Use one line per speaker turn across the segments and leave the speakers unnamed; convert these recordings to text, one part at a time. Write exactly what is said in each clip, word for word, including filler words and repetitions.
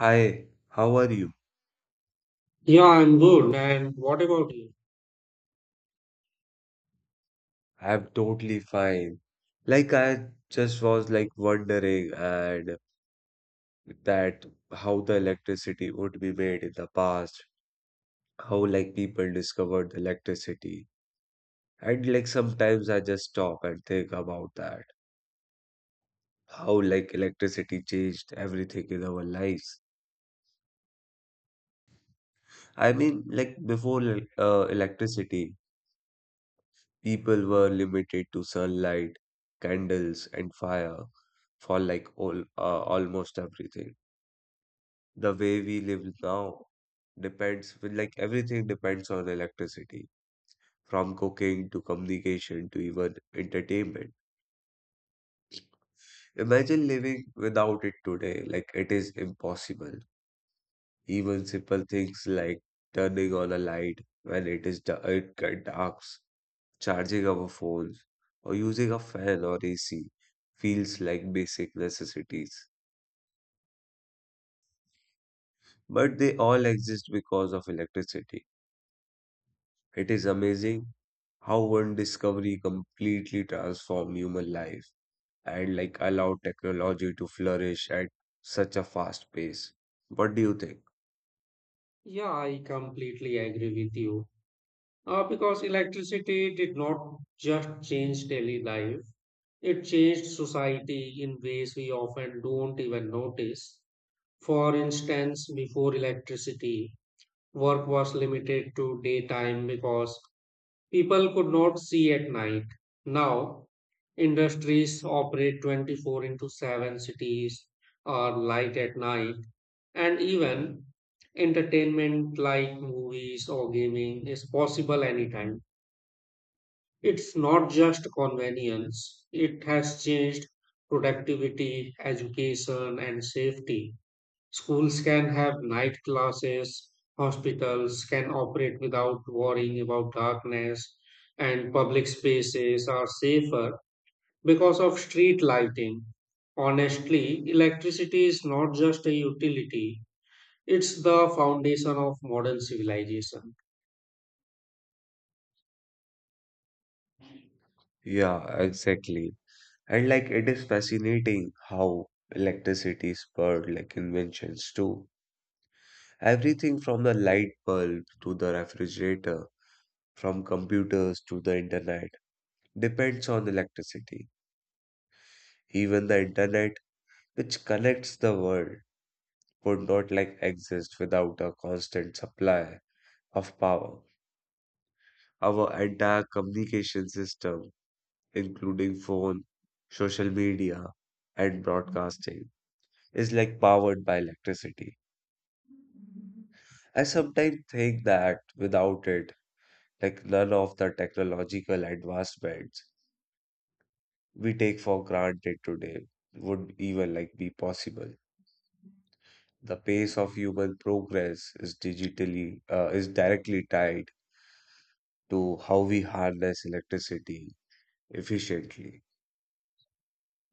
Hi, how are you?
Yeah, I'm good. And what about you?
I'm totally fine. Like I just was like wondering and that how the electricity would be made in the past, how like people discovered the electricity. And like sometimes I just stop and think about that. How like electricity changed everything in our lives. I mean like before el- uh, electricity people were limited to sunlight, candles, and fire for like all uh, almost everything. The way we live now depends with like everything depends on electricity, from cooking to communication to even entertainment. Imagine living without it today, like it is impossible. Even simple things like turning on a light when it is da- it get dark, charging our phones, or using a fan or A C feels like basic necessities. But they all exist because of electricity. It is amazing how one discovery completely transformed human life and like allowed technology to flourish at such a fast pace. What do you think?
Yeah, I completely agree with you. Uh, because electricity did not just change daily life, it changed society in ways we often don't even notice. For instance, before electricity, work was limited to daytime because people could not see at night. Now, industries operate twenty-four into seven, cities are light at night, and even entertainment like movies or gaming is possible anytime. It's not just convenience, it has changed productivity, education, and safety. Schools can have night classes, hospitals can operate without worrying about darkness, and public spaces are safer because of street lighting. Honestly, electricity is not just a utility, it's the foundation of modern civilization.
Yeah, exactly. And like it is fascinating how electricity spurred like inventions too. Everything from the light bulb to the refrigerator, from computers to the internet, depends on electricity. Even the internet, which connects the world, would not like exist without a constant supply of power. Our entire communication system, including phone, social media, and broadcasting, is like powered by electricity. I sometimes think that without it, like none of the technological advancements we take for granted today would even like be possible. The pace of human progress is digitally uh, is directly tied to how we harness electricity efficiently.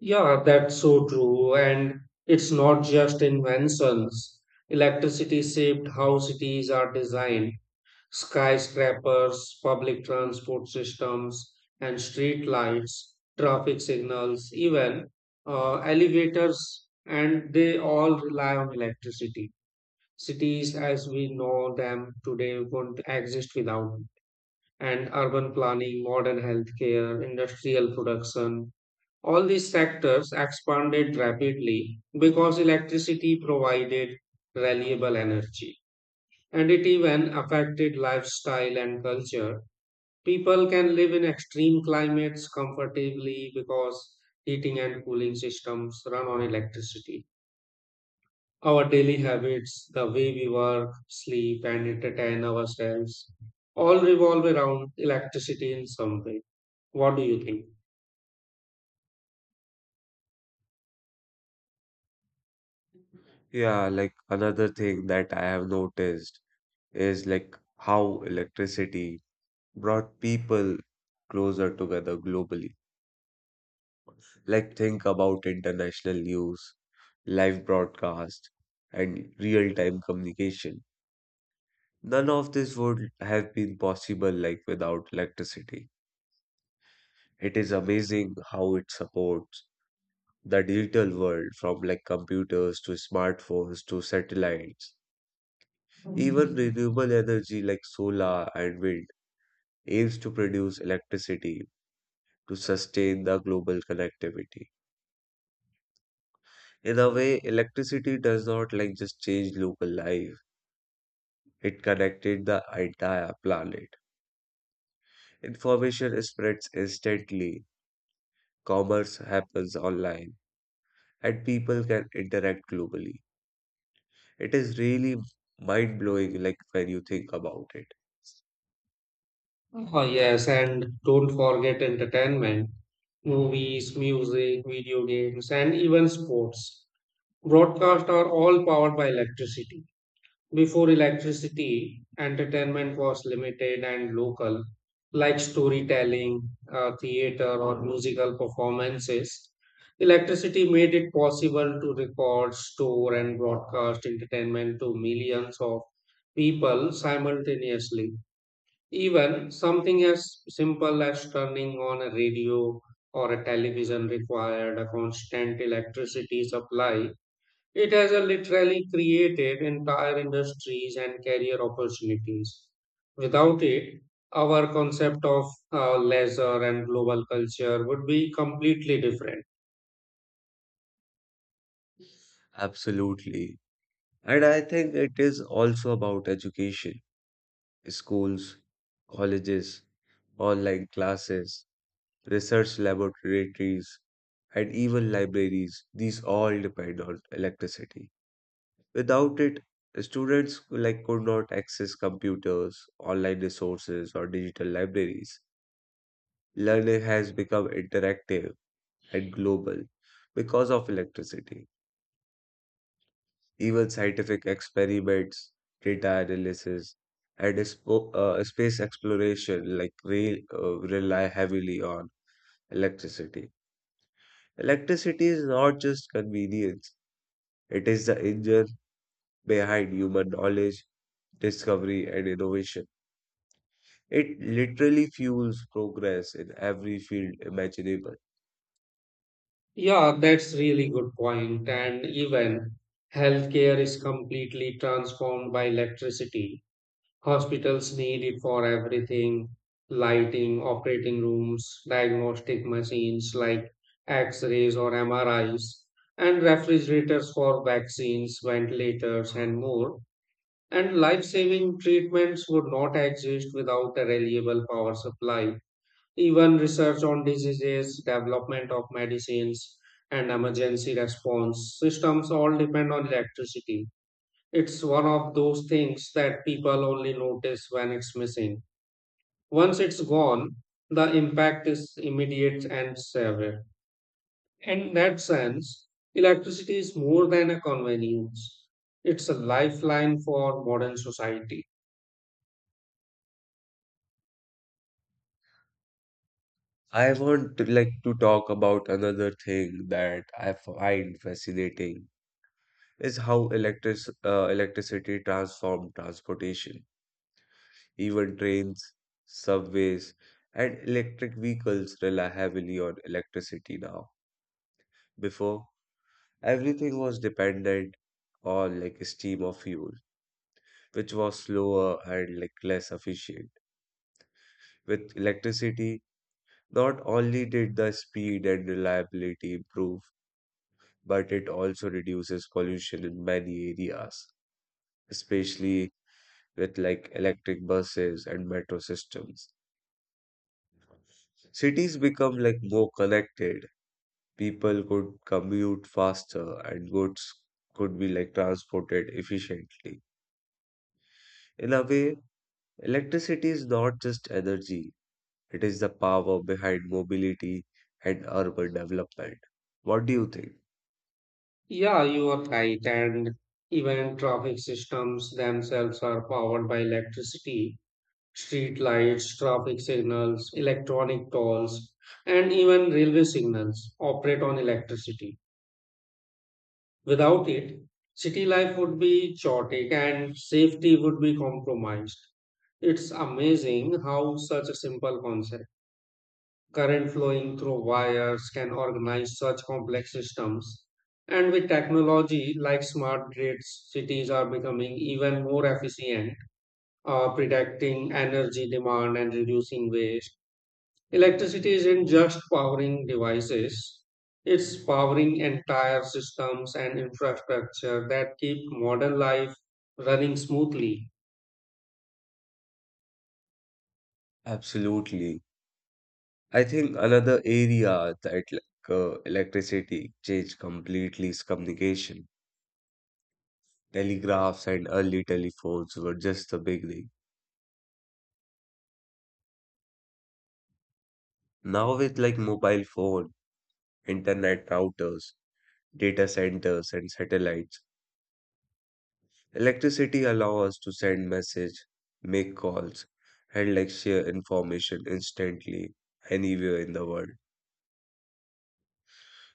Yeah, that's so true. And it's not just inventions. Electricity shaped how cities are designed. Skyscrapers, public transport systems, and street lights, traffic signals, even uh, elevators, and they all rely on electricity. Cities as we know them today wouldn't exist without, and urban planning, modern healthcare, industrial production. All these sectors expanded rapidly because electricity provided reliable energy, and it even affected lifestyle and culture. People can live in extreme climates comfortably because heating and cooling systems run on electricity. Our daily habits, the way we work, sleep, and entertain ourselves all revolve around electricity in some way. What do you think?
Yeah, like another thing that I have noticed is like how electricity brought people closer together globally. Like think about international news, live broadcast, and real-time communication. None of this would have been possible like without electricity. It is amazing how it supports the digital world from like computers to smartphones to satellites. Even renewable energy like solar and wind aims to produce electricity to sustain the global connectivity. In a way, electricity does not like just change local life. It connected the entire planet. Information spreads instantly. Commerce happens online and people can interact globally. It is really mind blowing, like when you think about it.
Oh, yes, and don't forget entertainment, movies, music, video games, and even sports. Broadcast are all powered by electricity. Before electricity, entertainment was limited and local, like storytelling, uh, theater, or musical performances. Electricity made it possible to record, store, and broadcast entertainment to millions of people simultaneously. Even something as simple as turning on a radio or a television required a constant electricity supply. It has uh, literally created entire industries and career opportunities. Without it, our concept of uh, leisure and global culture would be completely different.
Absolutely. And I think it is also about education, schools, colleges, online classes, research laboratories, and even libraries. These all depend on electricity. Without it, students like could not access computers, online resources, or digital libraries. Learning has become interactive at global because of electricity. Even scientific experiments, data analysis, and expo- uh, space exploration like rail, uh, rely heavily on electricity. Electricity is not just convenience, it is the engine behind human knowledge, discovery, and innovation. It literally fuels progress in every field imaginable.
Yeah, that's really good point. And even healthcare is completely transformed by electricity. Hospitals need it for everything: lighting, operating rooms, diagnostic machines like x rays or M R Is, and refrigerators for vaccines, ventilators, and more. And life saving treatments would not exist without a reliable power supply. Even research on diseases, development of medicines, and emergency response systems all depend on electricity. It's one of those things that people only notice when it's missing. Once it's gone, the impact is immediate and severe. In that sense, electricity is more than a convenience. It's a lifeline for modern society.
I want to like to talk about another thing that I find fascinating is how electric, uh, electricity transformed transportation. Even trains, subways, and electric vehicles rely heavily on electricity now. Before, everything was dependent on like steam or fuel, which was slower and like less efficient. With electricity, not only did the speed and reliability improve, but it also reduces pollution in many areas, especially with like electric buses and metro systems. Cities become like more connected. People could commute faster and goods could be like transported efficiently. In a way, electricity is not just energy, it is the power behind mobility and urban development. What do you think?
Yeah, you are right. And even traffic systems themselves are powered by electricity. Street lights, traffic signals, electronic tolls, and even railway signals operate on electricity. Without it, city life would be chaotic and safety would be compromised. It's amazing how such a simple concept, current flowing through wires, can organize such complex systems. And with technology like smart grids, cities are becoming even more efficient, uh, predicting energy demand and reducing waste. Electricity isn't just powering devices, it's powering entire systems and infrastructure that keep modern life running smoothly.
Absolutely. I think another area that like uh, electricity changed completely is communication. Telegraphs and early telephones were just the beginning. Now, with like mobile phone, internet routers, data centers, and satellites, electricity allows us to send message, make calls, and like share information instantly anywhere in the world.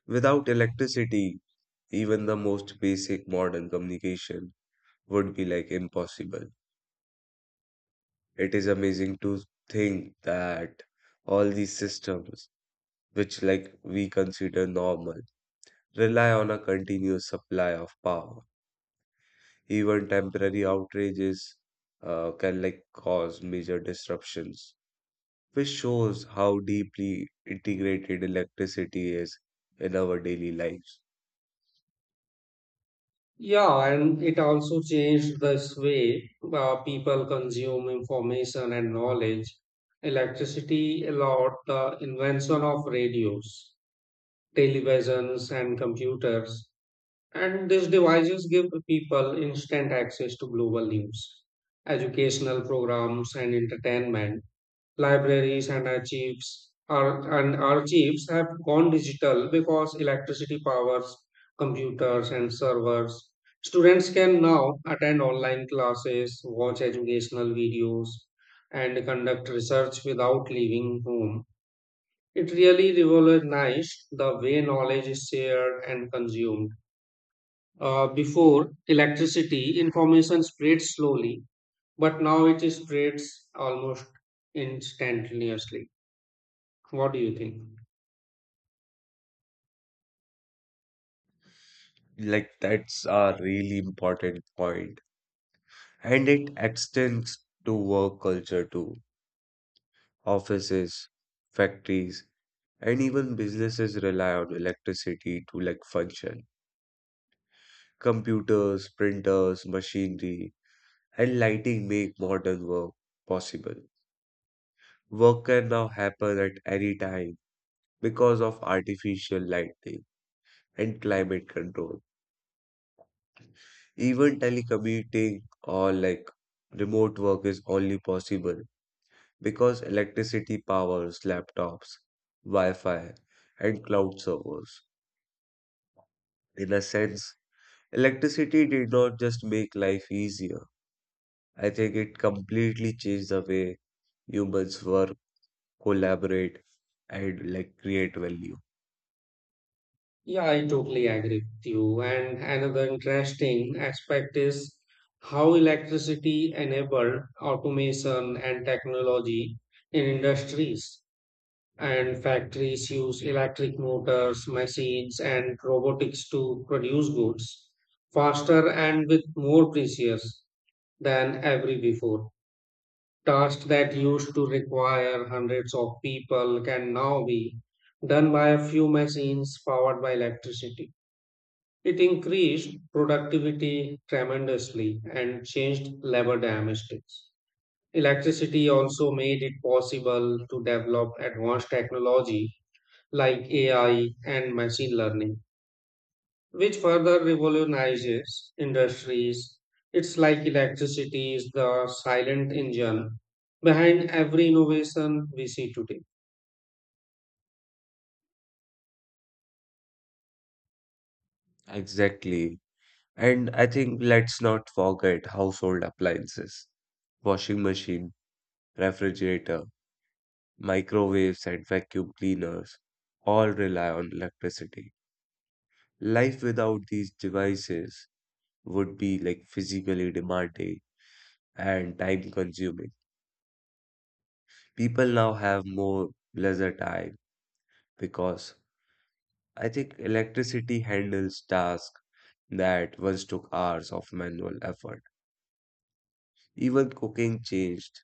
Without electricity, even the most basic modern communication would be like impossible. It is amazing to think that all these systems, which like we consider normal, rely on a continuous supply of power. Even temporary outrages uh, can like cause major disruptions, which shows how deeply integrated electricity is in our daily lives.
Yeah, and it also changed this way uh, people consume information and knowledge. Electricity allowed the invention of radios, televisions, and computers, and these devices give people instant access to global news, educational programs, and entertainment. Libraries and archives are, and archives have gone digital because electricity powers computers and servers. Students can now attend online classes, watch educational videos, and conduct research without leaving home. It really revolutionized the way knowledge is shared and consumed. Uh, before electricity, information spread slowly, but now it spreads almost instantaneously. What do you think?
Like that's a really important point, and it extends to work culture too. Offices, factories, and even businesses rely on electricity to like function. Computers, printers, machinery, and lighting make modern work possible. Work can now happen at any time because of artificial lighting and climate control. Even telecommuting or like remote work is only possible because electricity powers laptops, Wi-Fi, and cloud servers. In a sense, electricity did not just make life easier. I think it completely changed the way humans work, collaborate, and like create value.
Yeah, I totally agree with you. And another interesting aspect is how electricity enabled automation and technology in industries. And factories use electric motors, machines, and robotics to produce goods faster and with more precision than ever before. Tasks that used to require hundreds of people can now be done by a few machines powered by electricity. It increased productivity tremendously and changed labor dynamics. Electricity also made it possible to develop advanced technology like A I and machine learning, which further revolutionizes industries. It's like electricity is the silent engine behind every innovation we see today.
Exactly. And I think let's not forget household appliances, washing machine, refrigerator, microwaves, and vacuum cleaners all rely on electricity. Life without these devices would be like physically demanding and time consuming. People now have more leisure time because I think electricity handles tasks that once took hours of manual effort. Even cooking changed.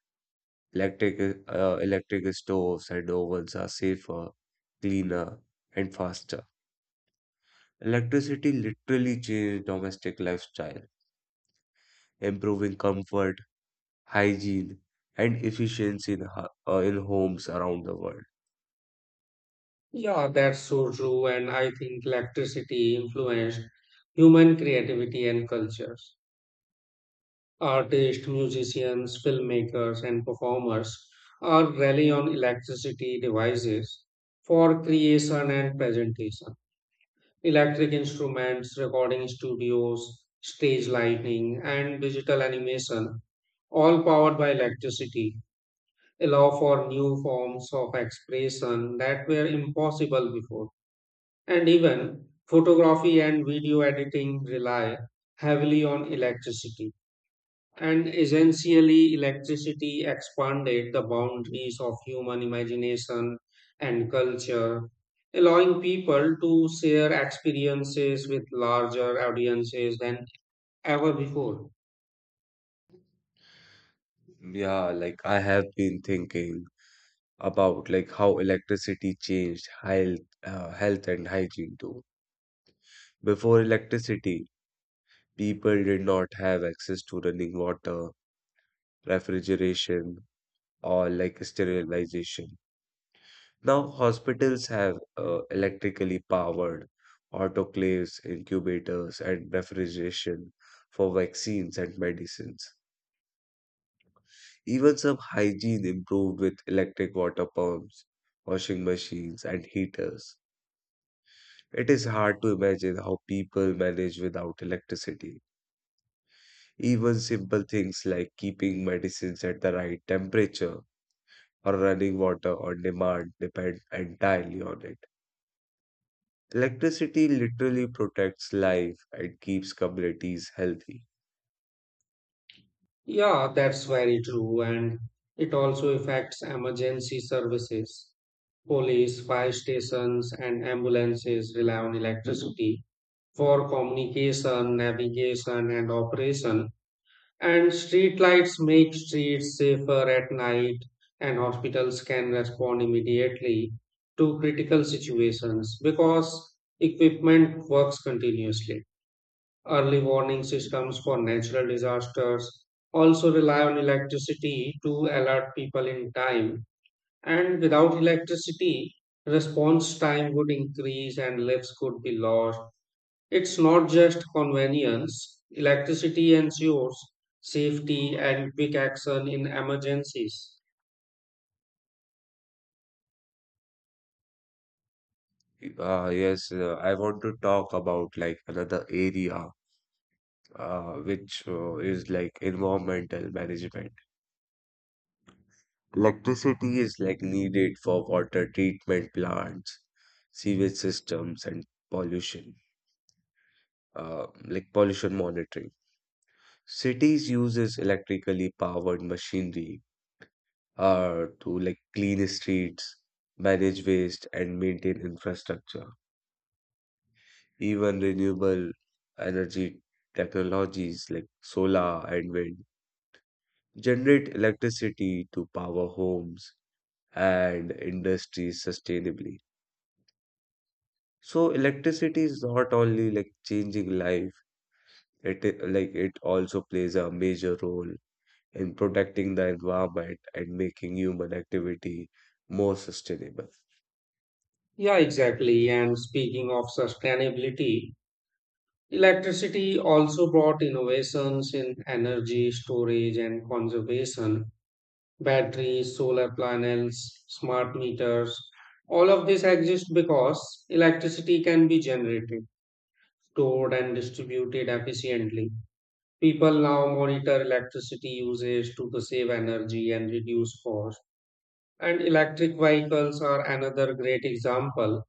Electric, uh, electric stoves and ovens are safer, cleaner, and faster. Electricity literally changed domestic lifestyle, improving comfort, hygiene, and efficiency in, ho- uh, in homes around the world.
Yeah, that's so true. And I think electricity influenced human creativity and cultures. Artists, musicians, filmmakers, and performers all rely on electricity devices for creation and presentation. Electric instruments, recording studios, stage lighting, and digital animation, all powered by electricity, allow for new forms of expression that were impossible before. And even photography and video editing rely heavily on electricity, and essentially, electricity expanded the boundaries of human imagination and culture, allowing people to share experiences with larger audiences than ever before.
Yeah, like I have been thinking about like how electricity changed health, uh, health and hygiene too. Before electricity, people did not have access to running water, refrigeration, or like sterilization. Now, hospitals have uh, electrically powered autoclaves, incubators, and refrigeration for vaccines and medicines. Even some hygiene improved with electric water pumps, washing machines, and heaters. It is hard to imagine how people manage without electricity. Even simple things like keeping medicines at the right temperature or running water on demand depend entirely on it. Electricity literally protects life and keeps communities healthy.
Yeah, that's very true. And it also affects emergency services. Police, fire stations, and ambulances rely on electricity for communication, navigation, and operation. And streetlights make streets safer at night, and hospitals can respond immediately to critical situations because equipment works continuously. Early warning systems for natural disasters also rely on electricity to alert people in time, and without electricity, response time would increase and lives could be lost. It's not just convenience. Electricity ensures safety and quick action in emergencies.
Uh, yes, uh, I want to talk about like another area uh, which uh, is like environmental management. Electricity is like needed for water treatment plants, sewage systems, and pollution, uh, like pollution monitoring. Cities uses electrically powered machinery uh, to like clean streets, manage waste, and maintain infrastructure. Even renewable energy technologies like solar and wind generate electricity to power homes and industries sustainably. So electricity is not only like changing life, it I- like it also plays a major role in protecting the environment and making human activity more sustainable.
Yeah, exactly. And speaking of sustainability, electricity also brought innovations in energy storage and conservation, batteries, solar panels, smart meters. All of this exists because electricity can be generated, stored, and distributed efficiently. People now monitor electricity usage to the save energy and reduce cost. And electric vehicles are another great example.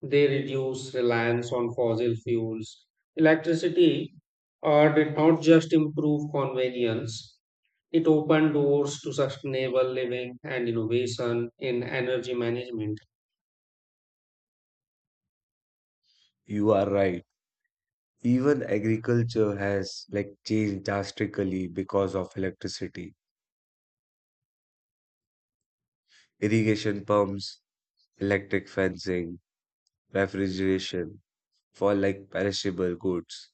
They reduce reliance on fossil fuels. Electricity uh, did not just improve convenience, it opened doors to sustainable living and innovation in energy management.
You are right. Even agriculture has like changed drastically because of electricity. Irrigation pumps, electric fencing, refrigeration for like perishable goods,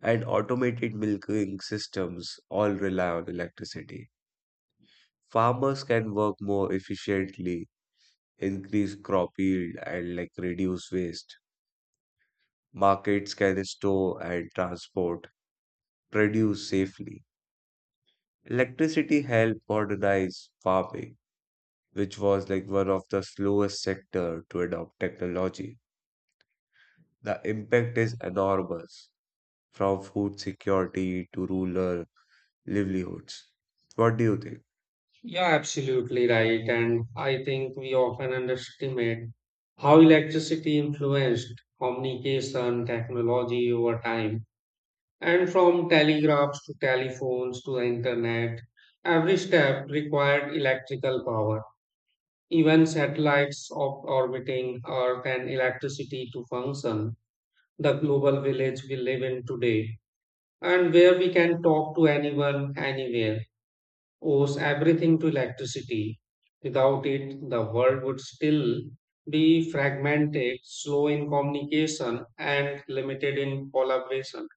and automated milking systems all rely on electricity. Farmers can work more efficiently, increase crop yield, and like reduce waste. Markets can store and transport produce safely. Electricity helped modernize farming, which was like one of the slowest sector to adopt technology. The impact is enormous, from food security to rural livelihoods. What do you think?
Yeah, absolutely right. And I think we often underestimate how electricity influenced communication technology over time. And from telegraphs to telephones to the internet, every step required electrical power. Even satellites op- orbiting Earth and electricity to function, the global village we live in today, and where we can talk to anyone, anywhere owes everything to electricity. Without it, the world would still be fragmented, slow in communication, and limited in collaboration.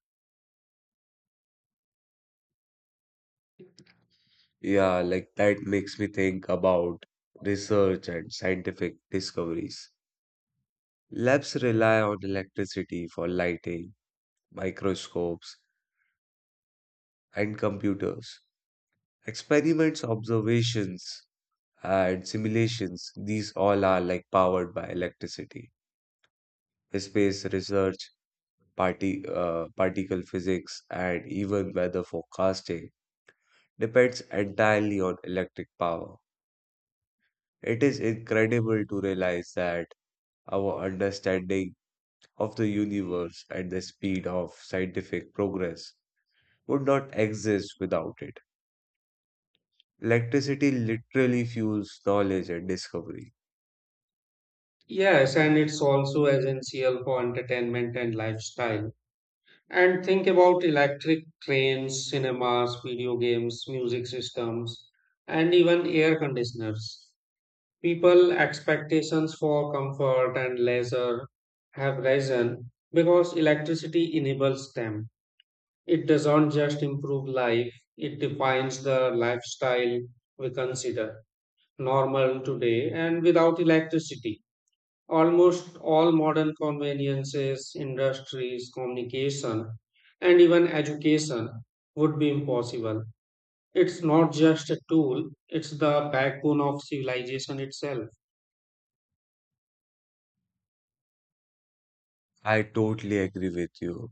Yeah, like that makes me think about research and scientific discoveries. Labs rely on electricity for lighting, microscopes, and computers. Experiments, observations, and simulations, these all are like powered by electricity. Space research, party, uh, particle physics, and even weather forecasting depends entirely on electric power. It is incredible to realize that our understanding of the universe and the speed of scientific progress would not exist without it. Electricity literally fuels knowledge and discovery.
Yes, and it's also essential for entertainment and lifestyle. And think about electric trains, cinemas, video games, music systems, and even air conditioners. People expectations for comfort and leisure have risen because electricity enables them. It doesn't just improve life, it defines the lifestyle we consider normal today. And without electricity, almost all modern conveniences, industries, communication, and even education would be impossible. It's not just a tool, it's the backbone of civilization itself.
I totally agree with you.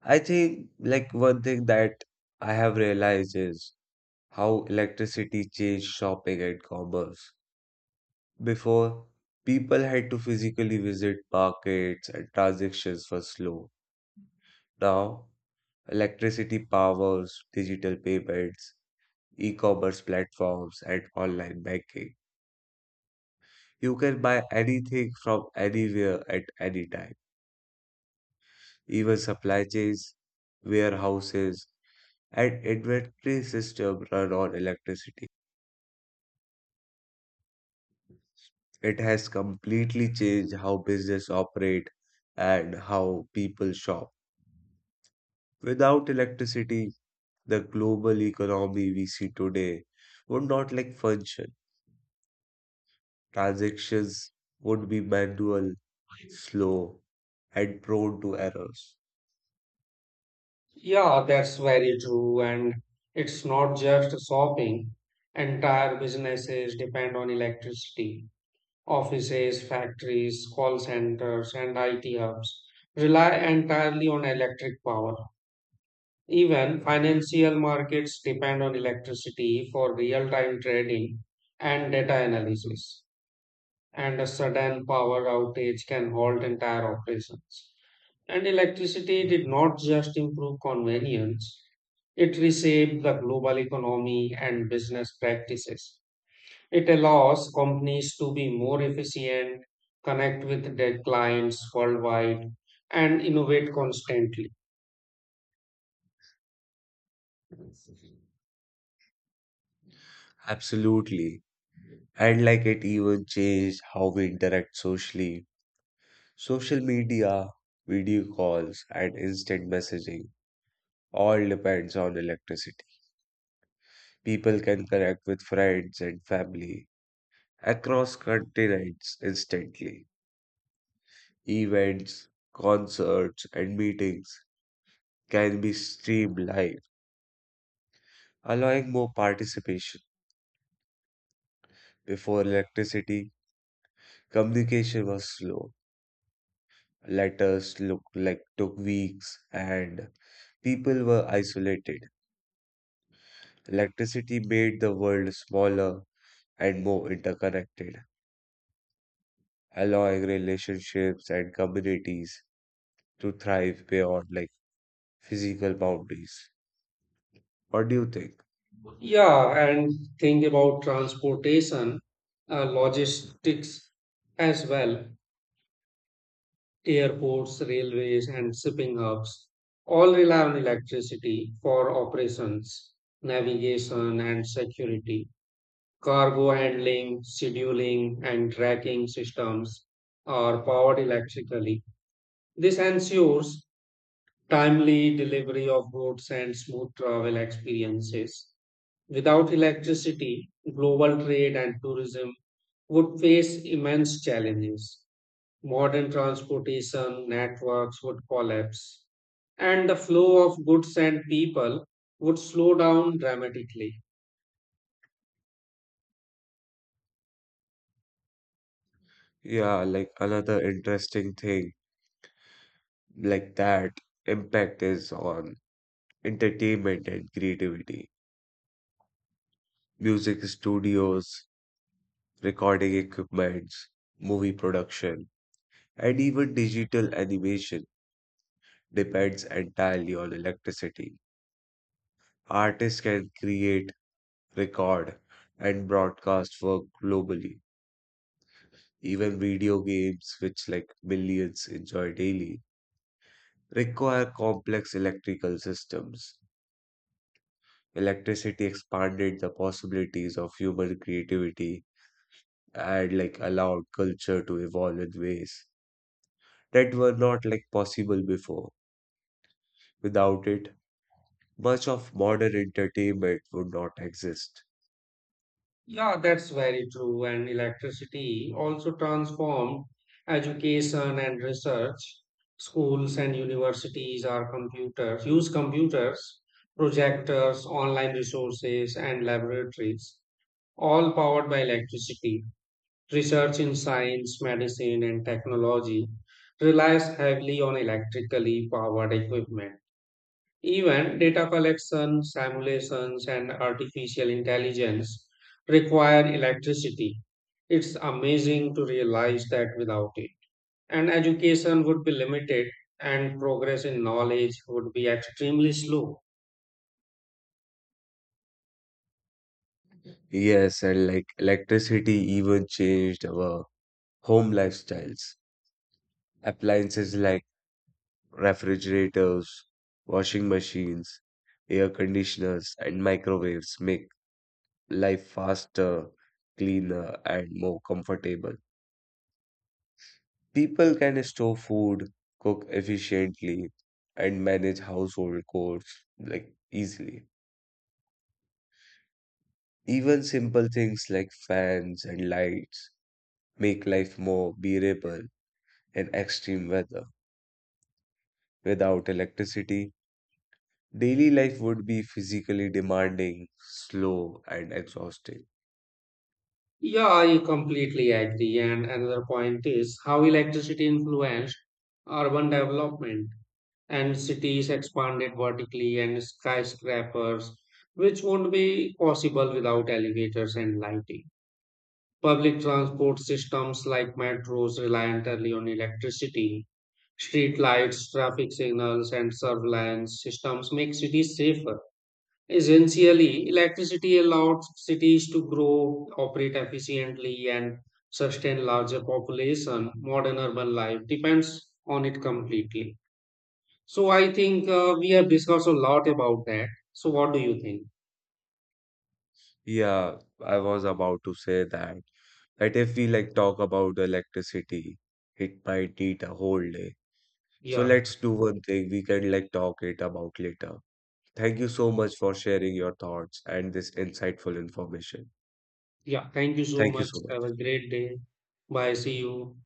I think, like, one thing that I have realized is how electricity changed shopping and commerce. Before, people had to physically visit markets and transactions were slow. Now, electricity powers digital payments, e-commerce platforms, and online banking. You can buy anything from anywhere at any time, even supply chains, warehouses, and inventory system run on electricity. It has completely changed how business operate and how people shop. Without electricity, the global economy we see today would not like function. Transactions would be manual, slow, and prone to errors.
Yeah, that's very true. And it's not just shopping, entire businesses depend on electricity. Offices, factories, call centers, and I T hubs rely entirely on electric power. Even financial markets depend on electricity for real time trading and data analysis, and a sudden power outage can halt entire operations. And electricity did not just improve convenience, it reshaped the global economy and business practices. It allows companies to be more efficient, connect with their clients worldwide, and innovate constantly.
Absolutely. And like it even changed how we interact socially. Social media, video calls, and instant messaging all depends on electricity. People can connect with friends and family across continents instantly. Events, concerts, and meetings can be streamed live, allowing more participation. Before electricity, communication was slow. Letters looked like took weeks and people were isolated. Electricity made the world smaller and more interconnected, allowing relationships and communities to thrive beyond like physical boundaries. What do you think?
Yeah, and think about transportation, uh, logistics as well. Airports, railways, and shipping hubs all rely on electricity for operations, navigation, and security. Cargo handling, scheduling, and tracking systems are powered electrically. This ensures timely delivery of goods and smooth travel experiences. Without electricity, global trade and tourism would face immense challenges. Modern transportation networks would collapse, and the flow of goods and people would slow down dramatically.
Yeah, like another interesting thing like that impact is on entertainment and creativity. Music studios, recording equipments, movie production, and even digital animation depends entirely on electricity. Artists can create, record, and broadcast work globally. Even video games, which like millions enjoy daily, require complex electrical systems. Electricity expanded the possibilities of human creativity and like allowed culture to evolve in ways that were not like possible before. Without it, much of modern entertainment would not exist.
Yeah, that's very true. And electricity also transformed education and research. Schools and universities are computers, use computers, projectors, online resources, and laboratories, all powered by electricity. Research in science, medicine, and technology relies heavily on electrically powered equipment. Even data collection, simulations, and artificial intelligence require electricity. It's amazing to realize that without it. And education would be limited, and progress in knowledge would be extremely slow.
Yes, and like electricity even changed our home lifestyles. Appliances like refrigerators, washing machines, air conditioners, and microwaves make life faster, cleaner, and more comfortable. People can store food, cook efficiently, and manage household chores like easily. Even simple things like fans and lights make life more bearable in extreme weather. Without electricity, daily life would be physically demanding, slow, and exhausting.
Yeah, I completely agree. And another point is how electricity influenced urban development, and cities expanded vertically, and skyscrapers, which won't be possible without elevators and lighting. Public transport systems like metros rely entirely on electricity. Street lights, traffic signals, and surveillance systems make cities safer. Essentially, electricity allows cities to grow, operate efficiently, and sustain larger population. Modern urban life depends on it completely. So I think uh, we have discussed a lot about that. So what do you think?
Yeah, I was about to say that that if we like talk about electricity, it might need a whole day. So
Yeah,
let's do one thing, we can like talk it about later. Thank you so much for sharing your thoughts and this insightful information.
yeah. Thank you so
Thank you
much.
so
Have a
much.
great day. Bye. See you.